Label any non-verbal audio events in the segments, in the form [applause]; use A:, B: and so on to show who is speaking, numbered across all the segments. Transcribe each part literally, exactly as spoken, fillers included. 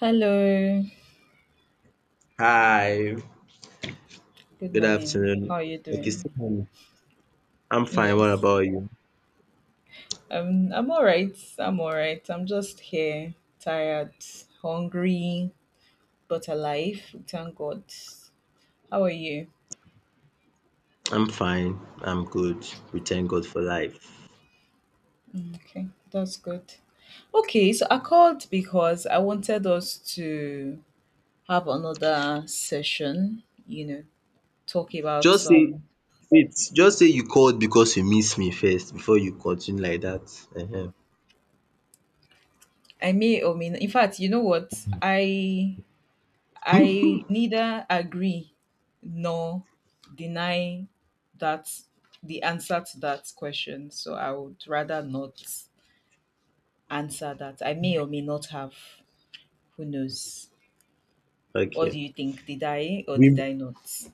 A: Hello.
B: Hi,
A: Good
B: good
A: morning. How
B: afternoon.
A: are you
B: Okay,
A: doing?
B: Stephen, I'm fine. What
A: Yes.
B: about you?
A: Um, I'm all right. I'm all right. I'm just here, tired, hungry, but alive. Thank God. How are you?
B: I'm fine. I'm good. We thank God for life.
A: Okay, that's good. Okay, so I called because I wanted us to have another session, you know, talk about
B: Just say
A: some.
B: it's just say you called because you miss me first before you continue like that.
A: I may or may not. In fact, you know what? I I neither agree nor deny that the answer to that question. So I would rather not answer that. I may or may not have. Who knows?
B: uh
A: What do
B: Okay.
A: you think? Did I or did
B: We,
A: I not?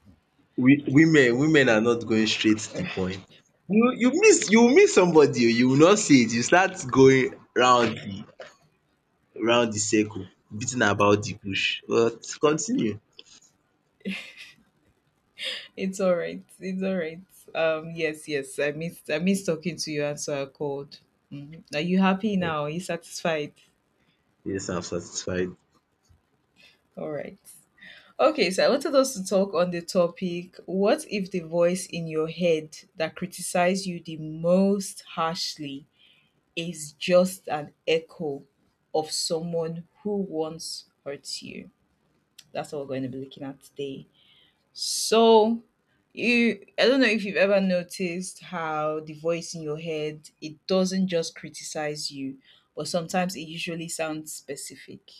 B: we women women are not going straight to the point. You you miss you miss somebody. Oh, you will not see it. You start going round the round the circle, beating about the bush. But continue.
A: It's all right. It's all right. Um, yes, yes. I missed. I missed talking to you, and so I called. Mhm. Are you happy
B: Like,
A: now? Are you satisfied?
B: Yes, I'm satisfied.
A: All right. Okay, so I wanted us to talk on the topic: what if the voice in your head that criticizes you the most harshly is just an echo of someone who once hurt you? That's what we're going to be looking at today. So, you I don't know if you've ever noticed how the voice in your head, it doesn't just criticize you, but sometimes it usually sounds specific,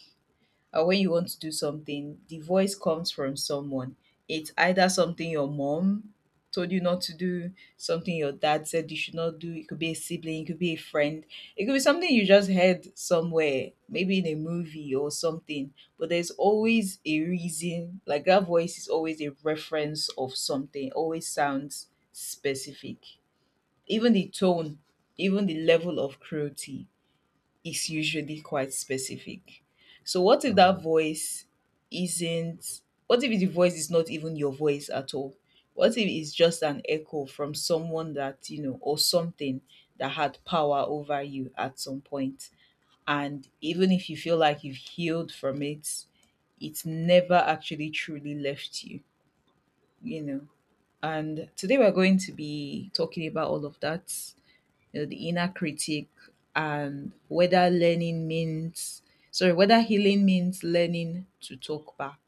A: or when you want to do something, the voice comes from someone. It's either something your mom told you not to do, something your dad said you should not do. It could be a sibling, it could be a friend, it could be something you just heard somewhere, maybe in a movie or something. But there's always a reason, like that voice is always a reference of something, always sounds specific. Even the tone, even the level of cruelty is usually quite specific. So what if that
B: Mm.
A: voice isn't, what if the voice is not even your voice at all? What if it's just an echo from someone that, you know, or something that had power over you at some point? And even if you feel like you've healed from it, it's never actually truly left you, you know. And today we're going to be talking about all of that, you know, the inner critic and whether learning means sorry, whether healing means learning to talk back.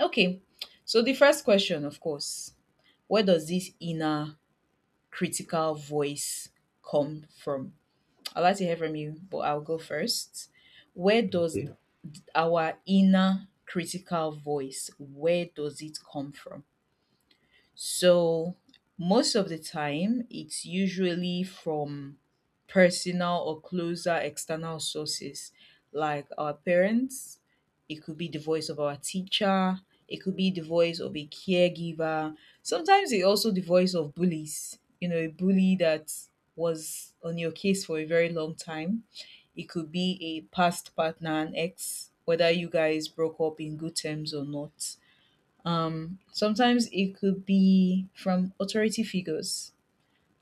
A: Okay. So the first question, of course, where does this inner critical voice come from? I'd like to hear from you, but I'll go first. Where does
B: Okay.
A: our inner critical voice, where does it come from? So most of the time, it's usually from personal or closer external sources like our parents, it could be the voice of our teacher, it could be the voice of a caregiver. Sometimes it also the voice of bullies, you know, a bully that was on your case for a very long time. It could be a past partner, an ex, whether you guys broke up in good terms or not. Sometimes it could be from authority figures,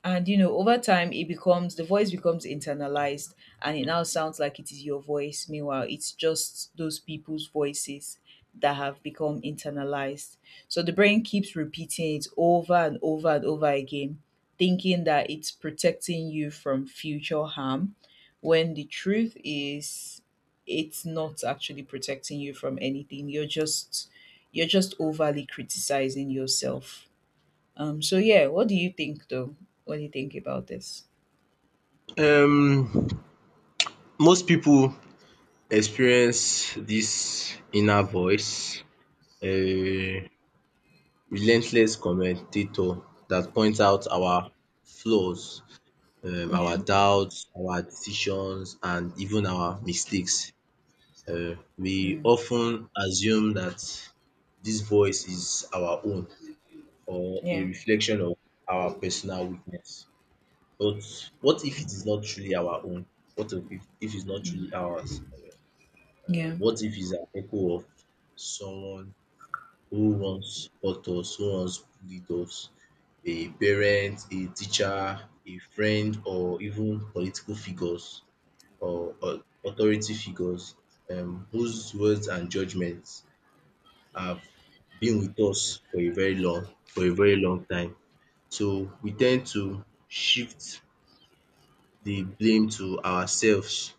A: and you know, over time it becomes, the voice becomes internalized, and it now sounds like it is your voice, meanwhile it's just those people's voices that have become internalized, so the brain keeps repeating it over and over and over again, thinking that it's protecting you from future harm, when the truth is, it's not actually protecting you from anything, you're just you're just overly criticizing yourself. Um, so yeah, what do you think though? What do you think about this?
B: Um, Most people experience this inner voice, um relentless commentator that points out our flaws, um our
A: Yeah.
B: doubts, our decisions and even our mistakes. um We
A: Mm.
B: often assume that this voice is our own or a
A: Yeah.
B: reflection of our personal weakness. But what if it is not truly our own? What if if it's not
A: Mm.
B: truly ours? um
A: Yeah.
B: what if he's an echo of someone who once hurt us, who once bullied us, a parent, a teacher, a friend or even political figures or or authority figures um whose words and judgement have been with us for a very long for a very long time. So we ten d to shift the blame to ourselves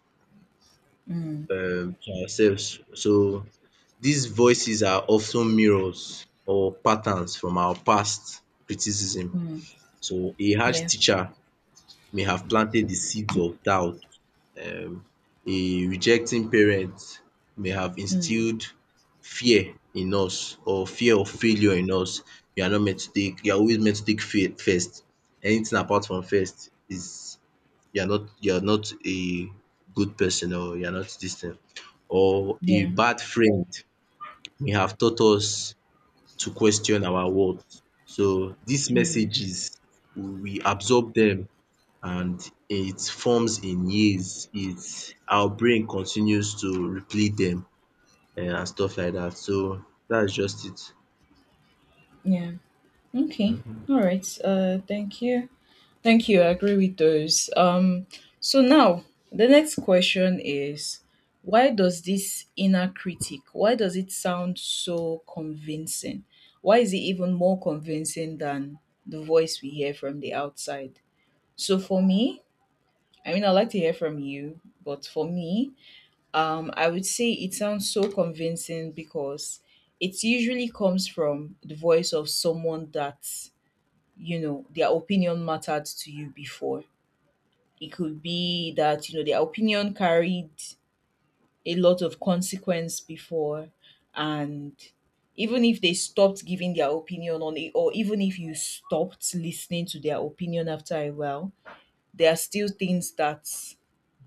A: Mm.
B: um to ourselves. So these voices are of ten mirrors or patterns from our past criticism.
A: Mm.
B: So a harsh
A: Yeah.
B: teacher may have planted the seeds of doubt. um A rejecting parent may have
A: Mm.
B: instilled fear in us, or fear of failure in us. You are not meant to take, you are always meant to take fail first. Anything apart from first is you're not you're not a good person, or you're not this thing, or a
A: Yeah.
B: bad friend may have taught us to question our worth. So these
A: Mm.
B: messages we absorb them, and it forms in years. It's our brain continues to replay them um and stuff like that. So that's just
A: Yeah. Okay. All right. Uh, thank you. Thank you. I agree with those. Um, so now the next question is, why does this inner critic, why does it sound so convincing, why is it even more convincing than the voice we hear from the outside? So for me, I mean, I'd like to hear from you, but for me, um, I would say it sounds so convincing because it usually comes from the voice of someone that, you know, their opinion mattered to you before. It could be that, you know, their opinion carried a lot of consequence before, and even if they stopped giving their opinion on it, or even if you stopped listening to their opinion after a while, there are still things that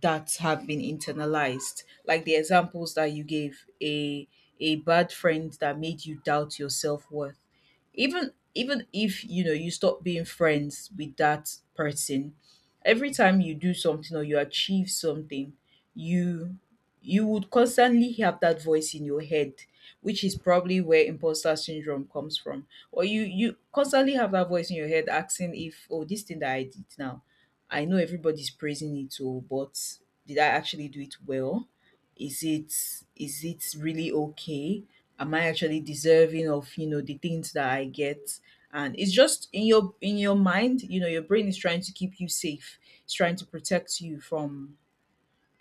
A: that have been internalized, like the examples that you gave: a a bad friend that made you doubt your self-worth, even even if you know you stop being friends with that person, every time you do something or you achieve something, you you would constantly have that voice in your head, which is probably where imposter syndrome comes from. Or you you constantly have that voice in your head asking, if oh, this thing that I did now, I know everybody's praising it too, but did I actually do it well? Is it, is it really okay? Am I actually deserving of, you know, the things that I get? And it's just in your, in your mind, you know, your brain is trying to keep you safe. It's trying to protect you from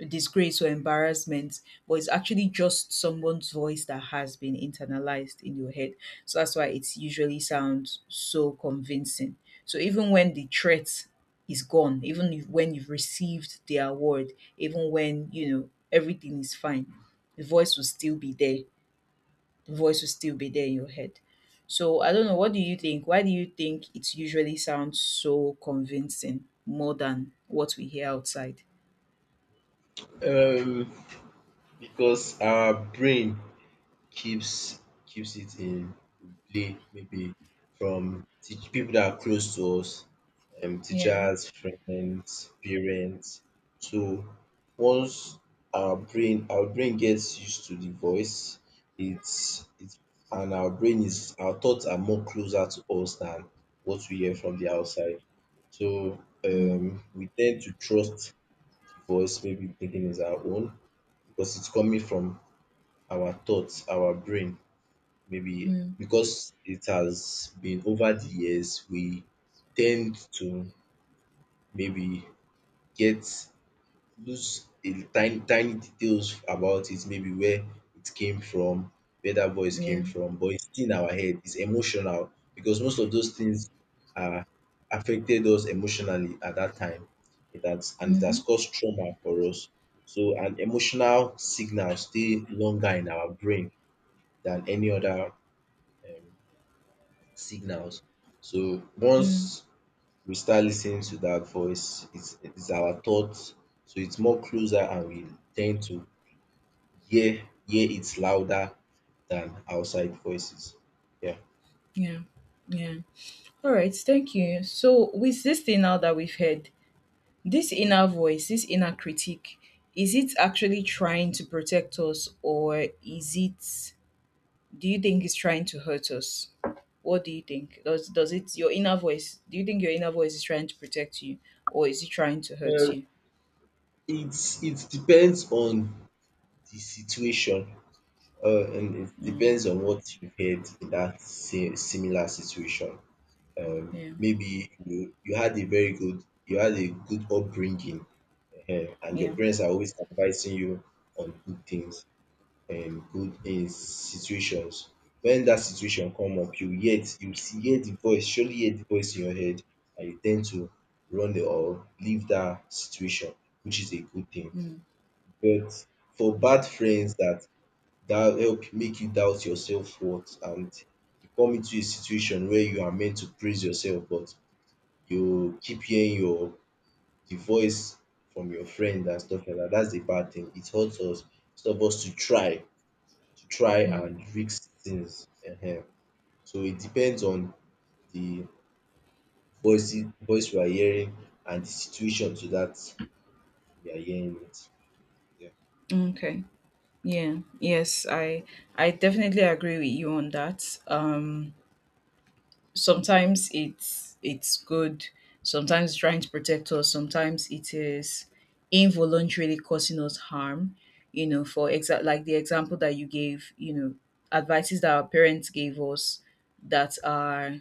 A: disgrace or embarrassment, but it's actually just someone's voice that has been internalized in your head. So that's why it usually sounds so convincing. So even when the threat is gone, even if, when you've received the award, even when you know everything is fine, the voice will still be there. The voice will still be there in your head. So I don't know. What do you think? Why do you think it usually sounds so convincing more than what we hear outside?
B: it. Um, because our brain keeps keeps it in play, maybe from teach people that are close to us, um,
A: Yeah.
B: teachers, friends, parents. So once our brain our brain gets used to the voice, it's it's and our brain is our thoughts are more closer to us than what we hear from the outside. So
A: Mm.
B: um, we tend to trust the voice, maybe thinking is our own because it's coming from our thoughts, our brain, maybe
A: Mm.
B: because it has been over the years. We tend to maybe get lose a tiny tiny details about it, maybe where it came from, where that voice came
A: Yeah.
B: from, but it's still in our head. It's emotional because most of those things are affected us emotionally at that time. It has, and it has
A: Mhm.
B: caused trauma for us. So an emotional signal stay longer in our brain than any other um, signals. So
A: Mm.
B: once we start listening to that voice, it's it's our thoughts, so it's more closer and we tend to hear hear it louder than outside voices. Yeah.
A: Yeah. Yeah. All right. Thank you. So, with this thing now that we've heard, this inner voice, this inner critique, is it actually trying to protect us, or is it? Do you think it's trying to hurt us? What do you think? Does does it your inner voice, do you think your inner voice is trying to protect you, or is it trying to hurt you?
B: It's it depends on the situation, uh and it
A: Mm.
B: depends on what you've heard in that same similar situation. Um
A: Yeah.
B: maybe you you had a very good you had a good upbringing um and your
A: Yeah.
B: parents are always advising you on good things, um good um situations. When that situation come up, you hear you see, hear the voice, surely hear the voice in your head, and you tend to run the, or leave that situation, which is a good thing.
A: Mm.
B: But for
A: Mm.
B: bad friends that that help make you doubt your self worth, and you come into a situation where you are meant to praise yourself but you keep hearing your the voice from your friend and stuff like that. That's the bad thing. It hurts us. It's helps us to try, to try
A: Mm.
B: and fix things. Ehen. So it depends on the voice voice we are hearing and the situation to that we are hearing it. Yeah.
A: Okay. Yeah, yes, I I definitely agree with you on that. Um sometimes it's it's good, sometimes it's trying to protect us, sometimes it is involuntarily causing us harm, you know, for exact, like the example that you gave, you know, advices that our parents gave us that are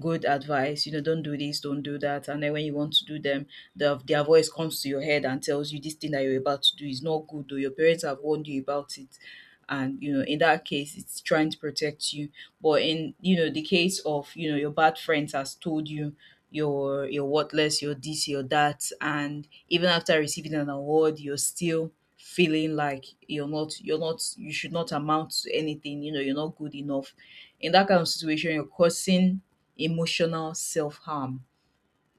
A: good advice, you know, don't do this, don't do that, and then when you want to do them, the, their voice comes to your head and tells you this thing that you're about to do is not good, or your parents have warned you about it, and you know, in that case it's trying to protect you. But in, you know, the case of, you know, your bad friends has told you you're you're worthless, you're this, you're that, and even after receiving an award, you're still feeling like you're not you're not, you should not amount to anything. You know, you're not good enough. In that kind of situation, you're causing emotional self harm,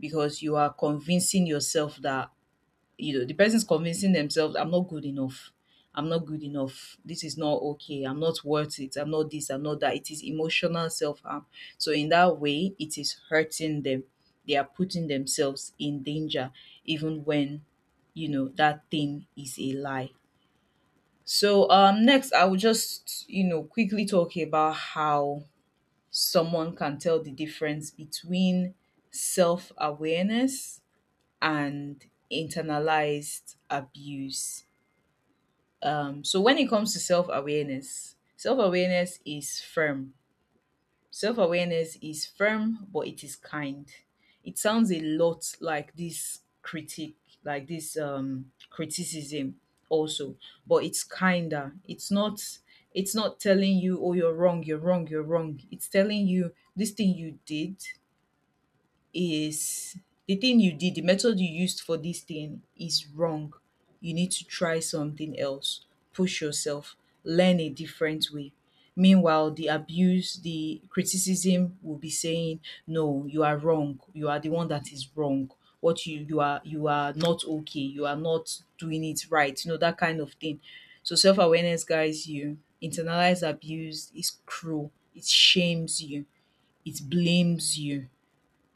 A: because you are convincing yourself that, you know, the person's convincing themselves, I'm not good enough. I'm not good enough. This is not okay. I'm not worth it. I'm not this. I'm not that. It is emotional self harm. So, in that way, it is hurting them. They are putting themselves in danger, even when, you know, that thing is a lie. So, um, next, I will just, you know, quickly talk about how someone can tell the difference between self awareness and internalized abuse. Um, so when it comes to self awareness, self awareness is firm. Self awareness is firm, but it is kind. It sounds a lot like this critique, like this um, criticism also, but it's kinder. It's not. It's not telling you, oh, you're wrong, you're wrong, you're wrong. It's telling you this thing you did is, the thing you did, the method you used for this thing is wrong. You need to try something else, push yourself, learn a different way. Meanwhile, the abuse, the criticism will be saying, no, you are wrong. You are the one that is wrong. What you, you are you are not okay. You are not doing it right. You know, that kind of thing. So self-awareness guys you. Internalized abuse is cruel. It shames you. It blames you.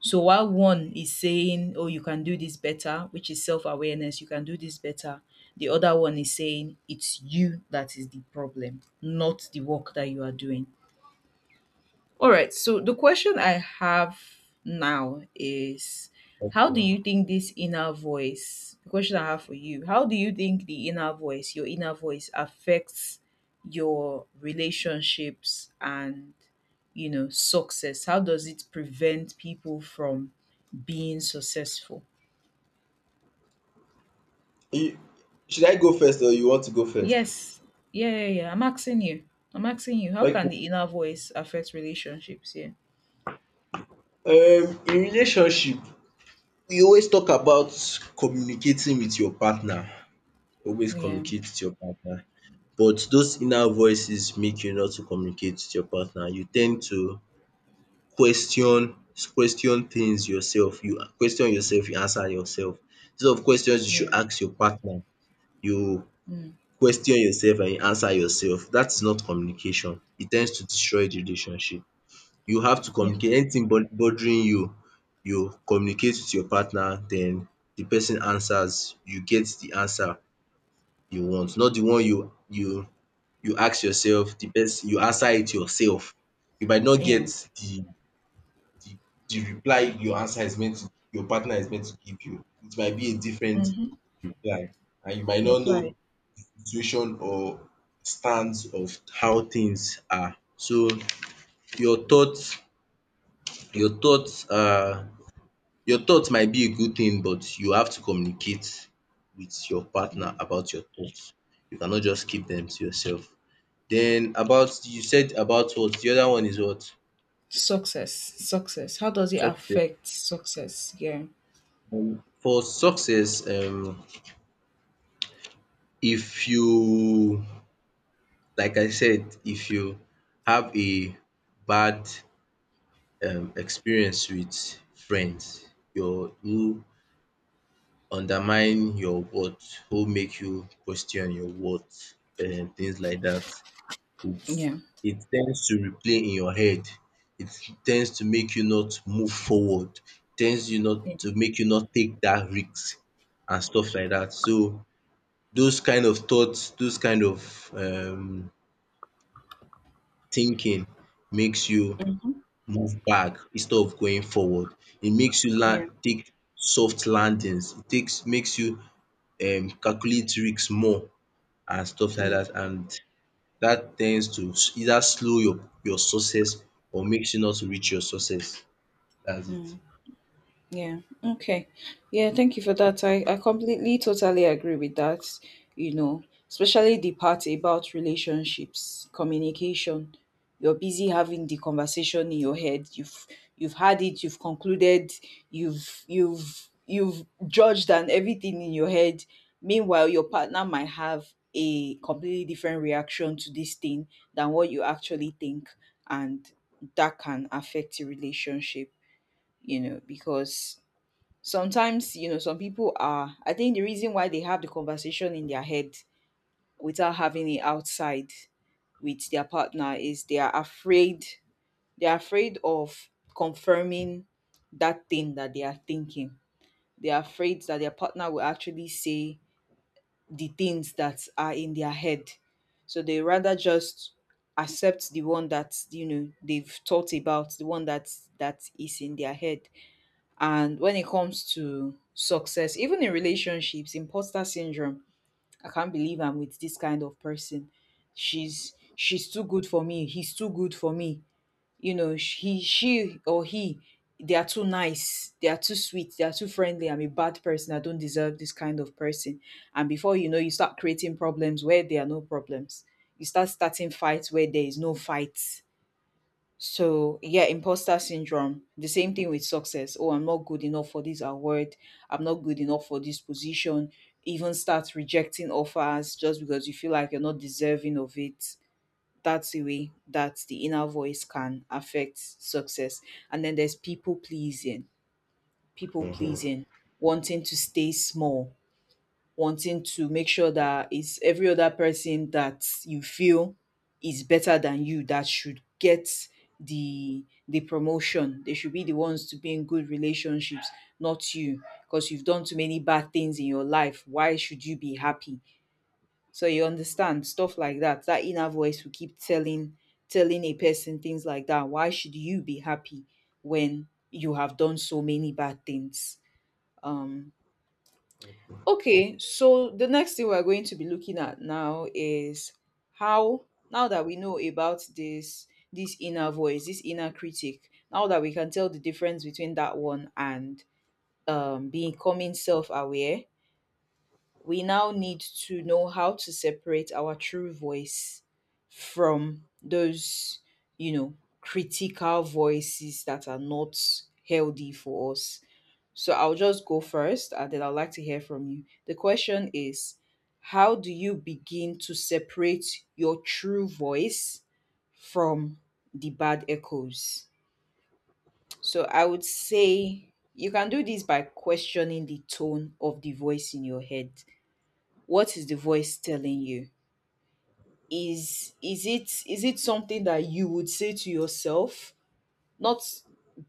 A: So while one is saying, oh, you can do this better, which is self awareness, you can do this better, the other one is saying, it's you that is the problem, not the work that you are doing. All right. So the question I have now is, how
B: Okay.
A: do you think this inner voice, the question I have for you, how do you think the inner voice, your inner voice affects your relationships and, you know, success? How does it prevent people from being successful?
B: You- Should I go first or you want to go first?
A: Yes. Yeah, yeah, yeah. I'm asking you. I'm asking you, how can
B: Okay.
A: the inner voice affect relationships? Yeah.
B: Um, in relationship, we always talk about communicating with your partner. Always
A: Yeah.
B: communicate with your partner. But those inner voices make you not to communicate with your partner. You tend to question question things yourself. You question yourself, you answer yourself. Instead of questions you
A: Yeah.
B: should ask your partner, you
A: Mm.
B: question yourself and you answer yourself. That is not communication. It tends to destroy the relationship. You have to
A: Yeah.
B: communicate. Anything bod bothering you, you communicate with your partner, then the person answers. You get the answer you want, not the one you you you ask yourself the best you answer it yourself. You might not
A: Yeah.
B: get the the the reply your answer is meant to your partner is meant to give you. It might be a different
A: Mhm.
B: reply and you might not
A: Reply.
B: know the situation or stance of how things are. So your thoughts your thoughts uh, your thoughts might be a good thing but you have to communicate with your partner
A: Mm.
B: about your thoughts. You cannot just keep them to yourself. Then about you said about what? The other one is what?
A: Success. Success. How does it
B: Success.
A: affect success? Yeah.
B: Um, for success, um, if you, like I said, if you have a bad um, experience with friends, your you undermine your worth, who make you question your worth, and things like that.
A: Yeah.
B: It tends to replay in your head. It tends to make you not move forward. Tends you
A: Yeah.
B: not to make you not take that risk and stuff like that. So those kind of thoughts, those kind of um thinking makes you move back instead of going forward. It makes you
A: Yeah.
B: land take soft landings. It takes makes you um calculate risks more and stuff like
A: Mm,
B: that, and that tends to either slow your your success or makes you not reach your success. That's it.
A: mm. Yeah. Okay. Yeah. Thank you for that. I, I completely, totally agree with that. You know, especially the part about relationships, communication. You're busy having the conversation in your head. You've you've had it. You've concluded. You've you've you've judged and everything in your head. Meanwhile, your partner might have a completely different reaction to this thing than what you actually think, and that can affect the relationship. You know, because sometimes you know some people are I think the reason why they have the conversation in their head without having it outside with their partner is they are afraid they are afraid of confirming that thing that they are thinking they are afraid that their partner will actually say the things that are in their head so they rather just accept the one that you know they've thought about the one that that is in their head and when it comes to success, even in relationships, imposter syndrome. I can't believe I'm with this kind of person. She's she's too good for me. He's too good for me. You know, sh- he she or he they are too nice. They are too sweet. They are too friendly. I'm a bad person. I don't deserve this kind of person. And before you know, you start creating problems where there are no problems. You start starting fights where there is no fight so yeah, imposter syndrome. The same thing with success. Oh, I'm not good enough for this award. I'm not good enough for this position. Even start rejecting offers just because you feel like you're not deserving of it. That's the way that the inner voice can affect success. And then there's people pleasing, people pleasing, wanting to stay small, wanting to make sure that it's every other person that you feel is better than you that should get the the promotion. They should be the ones to be in good relationships, not you, because you've done too many bad things in your life. Why should you be happy? So you understand stuff like that. That inner voice will keep telling telling a person things like that. Why should you be happy when you have done so many bad things? Um, Okay, so the next thing we're going to be looking at now is how, now that we know about this this inner voice, this inner critic, now that we can tell the difference between that one and um, becoming self-aware, we now need to know how to separate our true voice from those, you know, critical voices that are not healthy for us. So I'll just go first and then I'd like to hear from you. The question is, how do you begin to separate your true voice from the bad echoes? So I would say you can do this by questioning the tone of the voice in your head. What is the voice telling you? Is is it is it something that you would say to yourself, not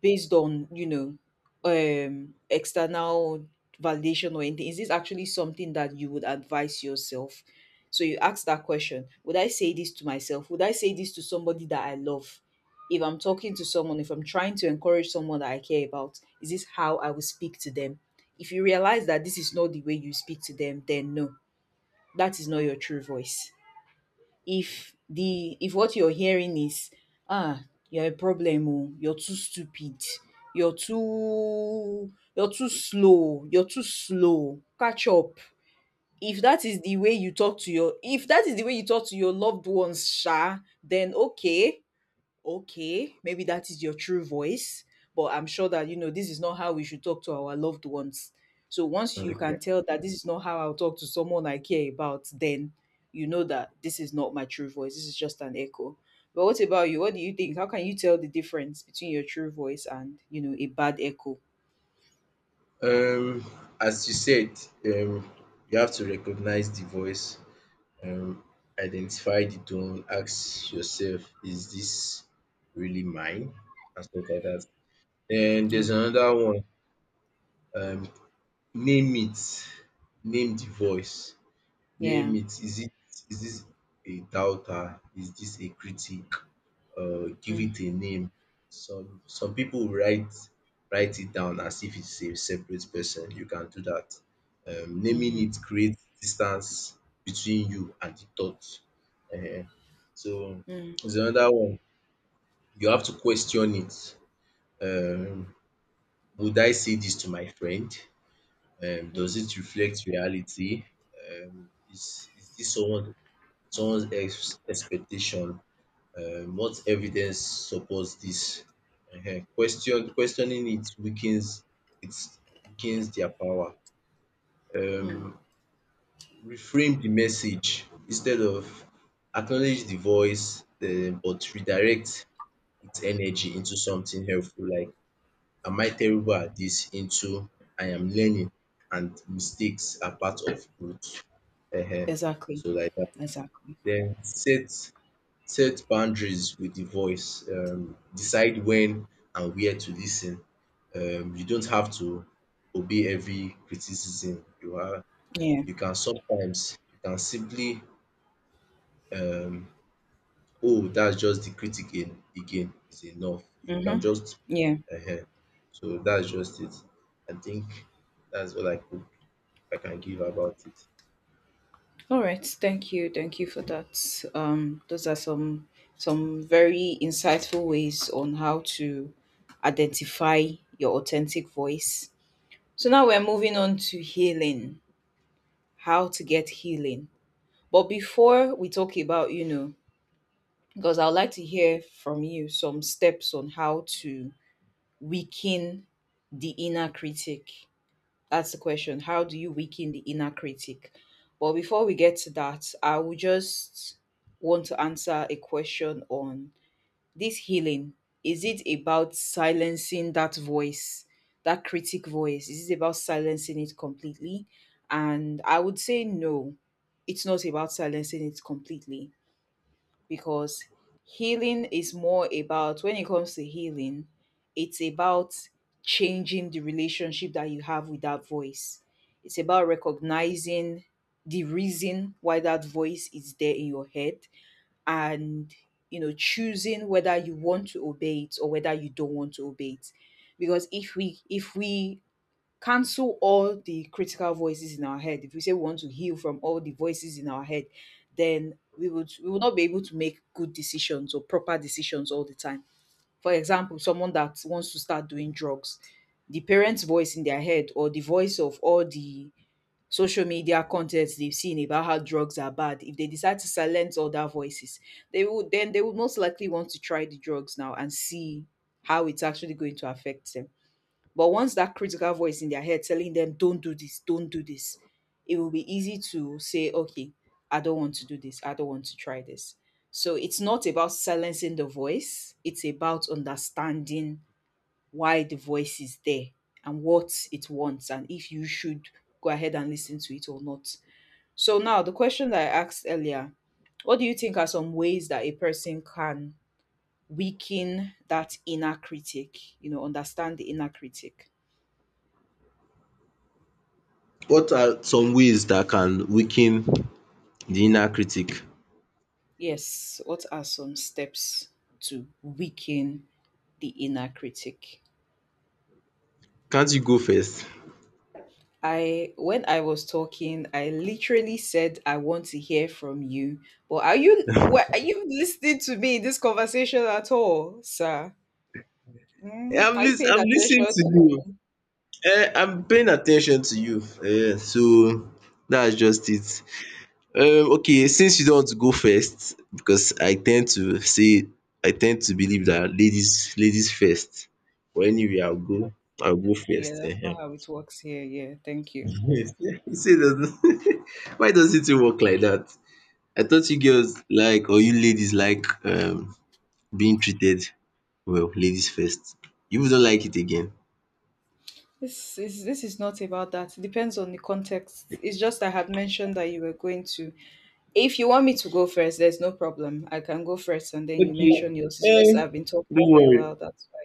A: based on you know um external validation or anything? Is this actually something that you would advise yourself? So you ask that question, would I say this to myself? Would I say this to somebody that I love? If I'm talking to someone, if I'm trying to encourage someone that I care about, is this how I will speak to them? If you realize that this is not the way you speak to them, then no, that is not your true voice. If the if what you're hearing is ah, you're a problem, oh, you're too stupid, you're too you're too slow, you're too slow, catch up. If that is the way you talk to your, if that is the way you talk to your loved ones sha, then okay, okay, maybe that is your true voice, but I'm sure that, you know, this is not how we should talk to our loved ones. So once you can
B: Okay.
A: tell that this is not how I'll talk to someone I care about, then you know that this is not my true voice. This is just an echo. But what about you? What do you think? How can you tell the difference between your true voice and, you know, a bad echo?
B: Um, as you said, um, you have to recognize the voice, um, identify the tone, ask yourself, is this really mine? And stuff like that. Then
A: Yeah.
B: there's another one, um, name it, name the voice.
A: Yeah.
B: Name it. Is it is this a doubter? Is this a critic? Uh, give
A: Mm,
B: it a name. Some some people write write it down as if it's a separate person. You can do that. Um, naming
A: mhm,
B: it creates distance between you and the thought. Eh, so
A: mm,
B: there's another one. You have to question it. Um, would I say this to my friend? Um, does
A: mm,
B: it reflect reality? Um, is is this someone someone's ex expectation, um what evidence supports this? Um question questioning it weakens its weakens their power.
A: mm.
B: um Reframe the message, instead of acknowledge the voice, um but redirect its energy into something helpful, like am I terrible at this, into I am learning and mistakes are part of growth, um
A: Exactly.
B: so like dat.
A: Exactly.
B: Den set Set boundaries with the voice. Um, decide when and where to listen. Um, you don't have to obey every criticism. You are
A: Yeah.
B: you can sometimes you can simply, um oh that's just the critic again again is enough. You
A: Mm-hmm.
B: can just
A: Yeah.
B: um so that's just it. I think that's all I could I can give about it.
A: All right, thank you, thank you for that. Um, those are some some very insightful ways on how to identify your authentic voice. So now we're moving on to healing, how to get healing. But before we talk about, you know, because I would like to hear from you some steps on how to weaken the inner critic. That's the question. How do you weaken the inner critic? But before we get to that, I would just want to answer a question on this healing. Is it about silencing that voice, that critic voice? Is it about silencing it completely? And I would say no, it's not about silencing it completely because healing is more about, when it comes to healing, it's about changing the relationship that you have with that voice. It's about recognizing the reason why that voice is there in your head, and you know, choosing whether you want to obey it or whether you don't want to obey it. Because if we if we cancel all the critical voices in our head, if we say we want to heal from all the voices in our head, then we would we would not be able to make good decisions or proper decisions all the time. For example, someone that wants to start doing drugs, the parents voice in their head or the voice of all the social media content they've seen about how drugs are bad, if they decide to silence all their voices, they would then they would most likely want to try the drugs now and see how it's actually going to affect them. But once that critical voice in their head telling them, don't do this, don't do this, it will be easy to say, okay, I don't want to do this, I don't want to try this. So it's not about silencing the voice, it's about understanding why the voice is there and what it wants, and if you should go ahead and listen to it or not. So now the question that I asked earlier, what do you think are some ways that a person can weaken that inner critic, you know, understand the inner critic?
B: What are some ways that can weaken the inner critic?
A: Yes, what are some steps to weaken the inner critic?
B: Can't you go first?
A: I, when I was talking, I literally said I want to hear from you. But are you, what are you listening to me in this conversation at all, sir? Mm,
B: I'm
A: are you
B: lis
A: paying
B: I'm listening
A: attention
B: to
A: to
B: you.
A: me?
B: um I'm paying attention to you. um So that's just it. um Okay, since you don't want to go first, because I tend to say I tend to believe that ladies ladies first, but anyway I'll go I'll go first
A: Yeah, that's
B: um.
A: not
B: [laughs]
A: how it works here. Yeah, thank you.
B: You see e doesn't. [laughs] Why does it work like that? I thought you girls like or you ladies like um being treated well, ladies first. You don't like it again.
A: This is this is not about that. It depends on the context. It's just I had mentioned that you were going to, if you want me to go first, there's no problem. I can go first and then you
B: Okay.
A: mention yours. It's just
B: Eh,
A: I've been talking
B: don't
A: for a
B: worry.
A: while, that's why.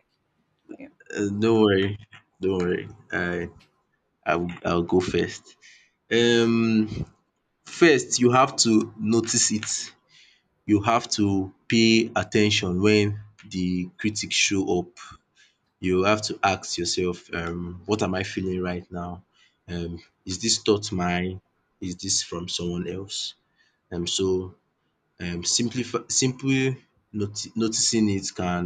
B: Uh, don't worry. Don't worry. I I'll I'll go first. Um First you have to notice it. You have to pay attention when the critics show up. You have to ask yourself, um, what am I feeling right now? Um, is this thought mine? Is this from someone else? Um, so um simply, simply noti- noticing it can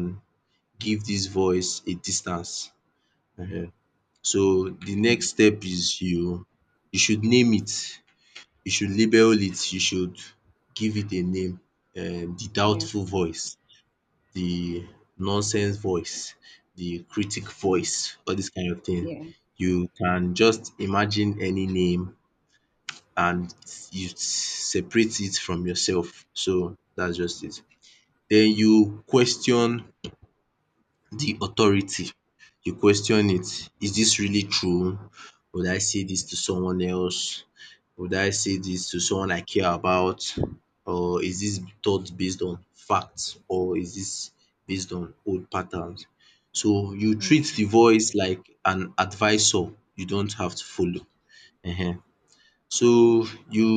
B: give this voice a distance, um so the
A: Yeah.
B: next
A: Mm.
B: step is you you should name it, you should label it, you should give it a name, um the
A: Yeah.
B: doubtful voice, the nonsense voice, the critic
A: Mm.
B: voice, all this kind of thing.
A: Yeah.
B: You can just imagine any name and you separate it from yourself. So that's just it. Then you question the authority. You question it. Is this really true? Would I say this to someone else? Would I say this to someone I care about? Or is this thought based on facts? Or is this based on old patterns? So you
A: Mm.
B: treat the voice like an advisor you don't have to follow. Um So you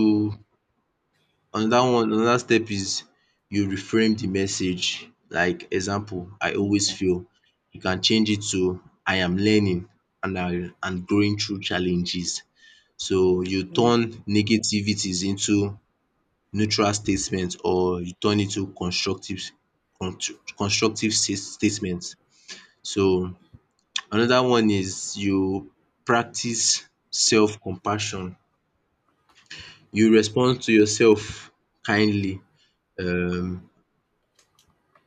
B: Another one, another step is you reframe the message. Like example, I always
A: Okay.
B: fail. You can change it to I am learning and I and growing through challenges. So you
A: Yeah.
B: turn negativities into neutral statements, or you turn it to constructive contr constructive sta statement. So another one is you practice self compassion. You respond to yourself kindly. Um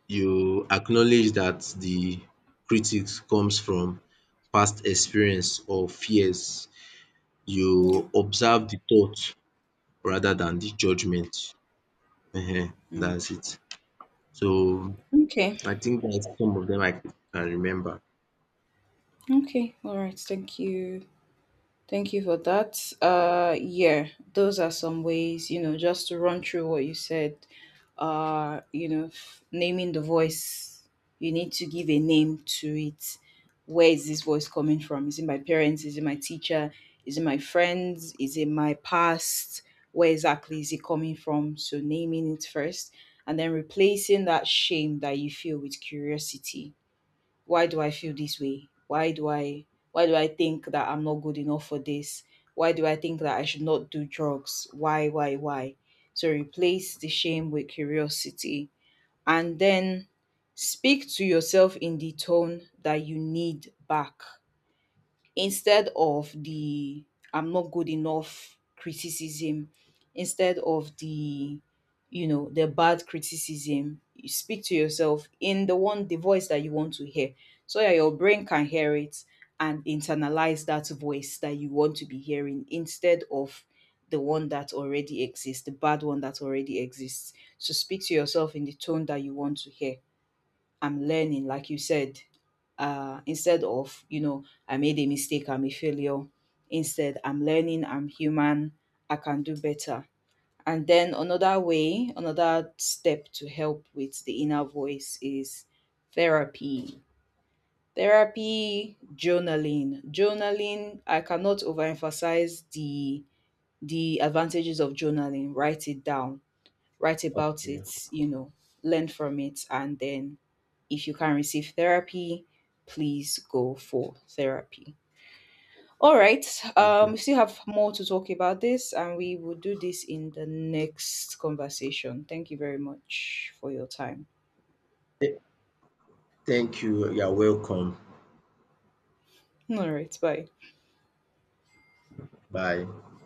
B: you acknowledge that the critics comes from past experience or fears.
A: Yeah.
B: You observe the thought rather than the judgment. Ehen,
A: Mm.
B: that's it. So
A: Okay.
B: I think that's some of them I can remember.
A: Okay. All right. Thank you. Thank you for that. Uh, yeah, those are some ways, you know, just to run through what you said. Uh, you know, f- naming the voice, you need to give a name to it. Where is this voice coming from? Is it my parents? Is it my teacher? Is it my friends? Is it my past? Where exactly is it coming from? So naming it first, and then replacing that shame that you feel with curiosity. Why do I feel this way? Why do i why do I think that I'm not good enough for this? Why do I think that I should not do drugs? Why, why, why? So replace the shame with curiosity, and then speak to yourself in the tone that you need back, instead of the I'm not good enough criticism, instead of the, you know, the bad criticism, you speak to yourself in the one, the voice that you want to hear. So that your brain can hear it and internalize that voice that you want to be hearing instead of the one that already exists, the bad one that already exists. So speak to yourself in the tone that you want to hear. I'm learning, like you said, uh, instead of, you know, I made a mistake, I'm a failure. Instead, I'm learning, I'm human, I can do better. And then another way, another step to help with the inner voice is therapy. Therapy, journaling. Journaling, I cannot overemphasize the the advantages of journaling. Write it down, write about
B: Okay,
A: it, you know, learn from it, and then if you can receive therapy, please go for therapy. All right, um,
B: okay.
A: we still have more to talk about this, and we will do this in the next conversation. Thank you very much for your time.
B: Th- Thank you. You're welcome.
A: All right, bye.
B: Bye.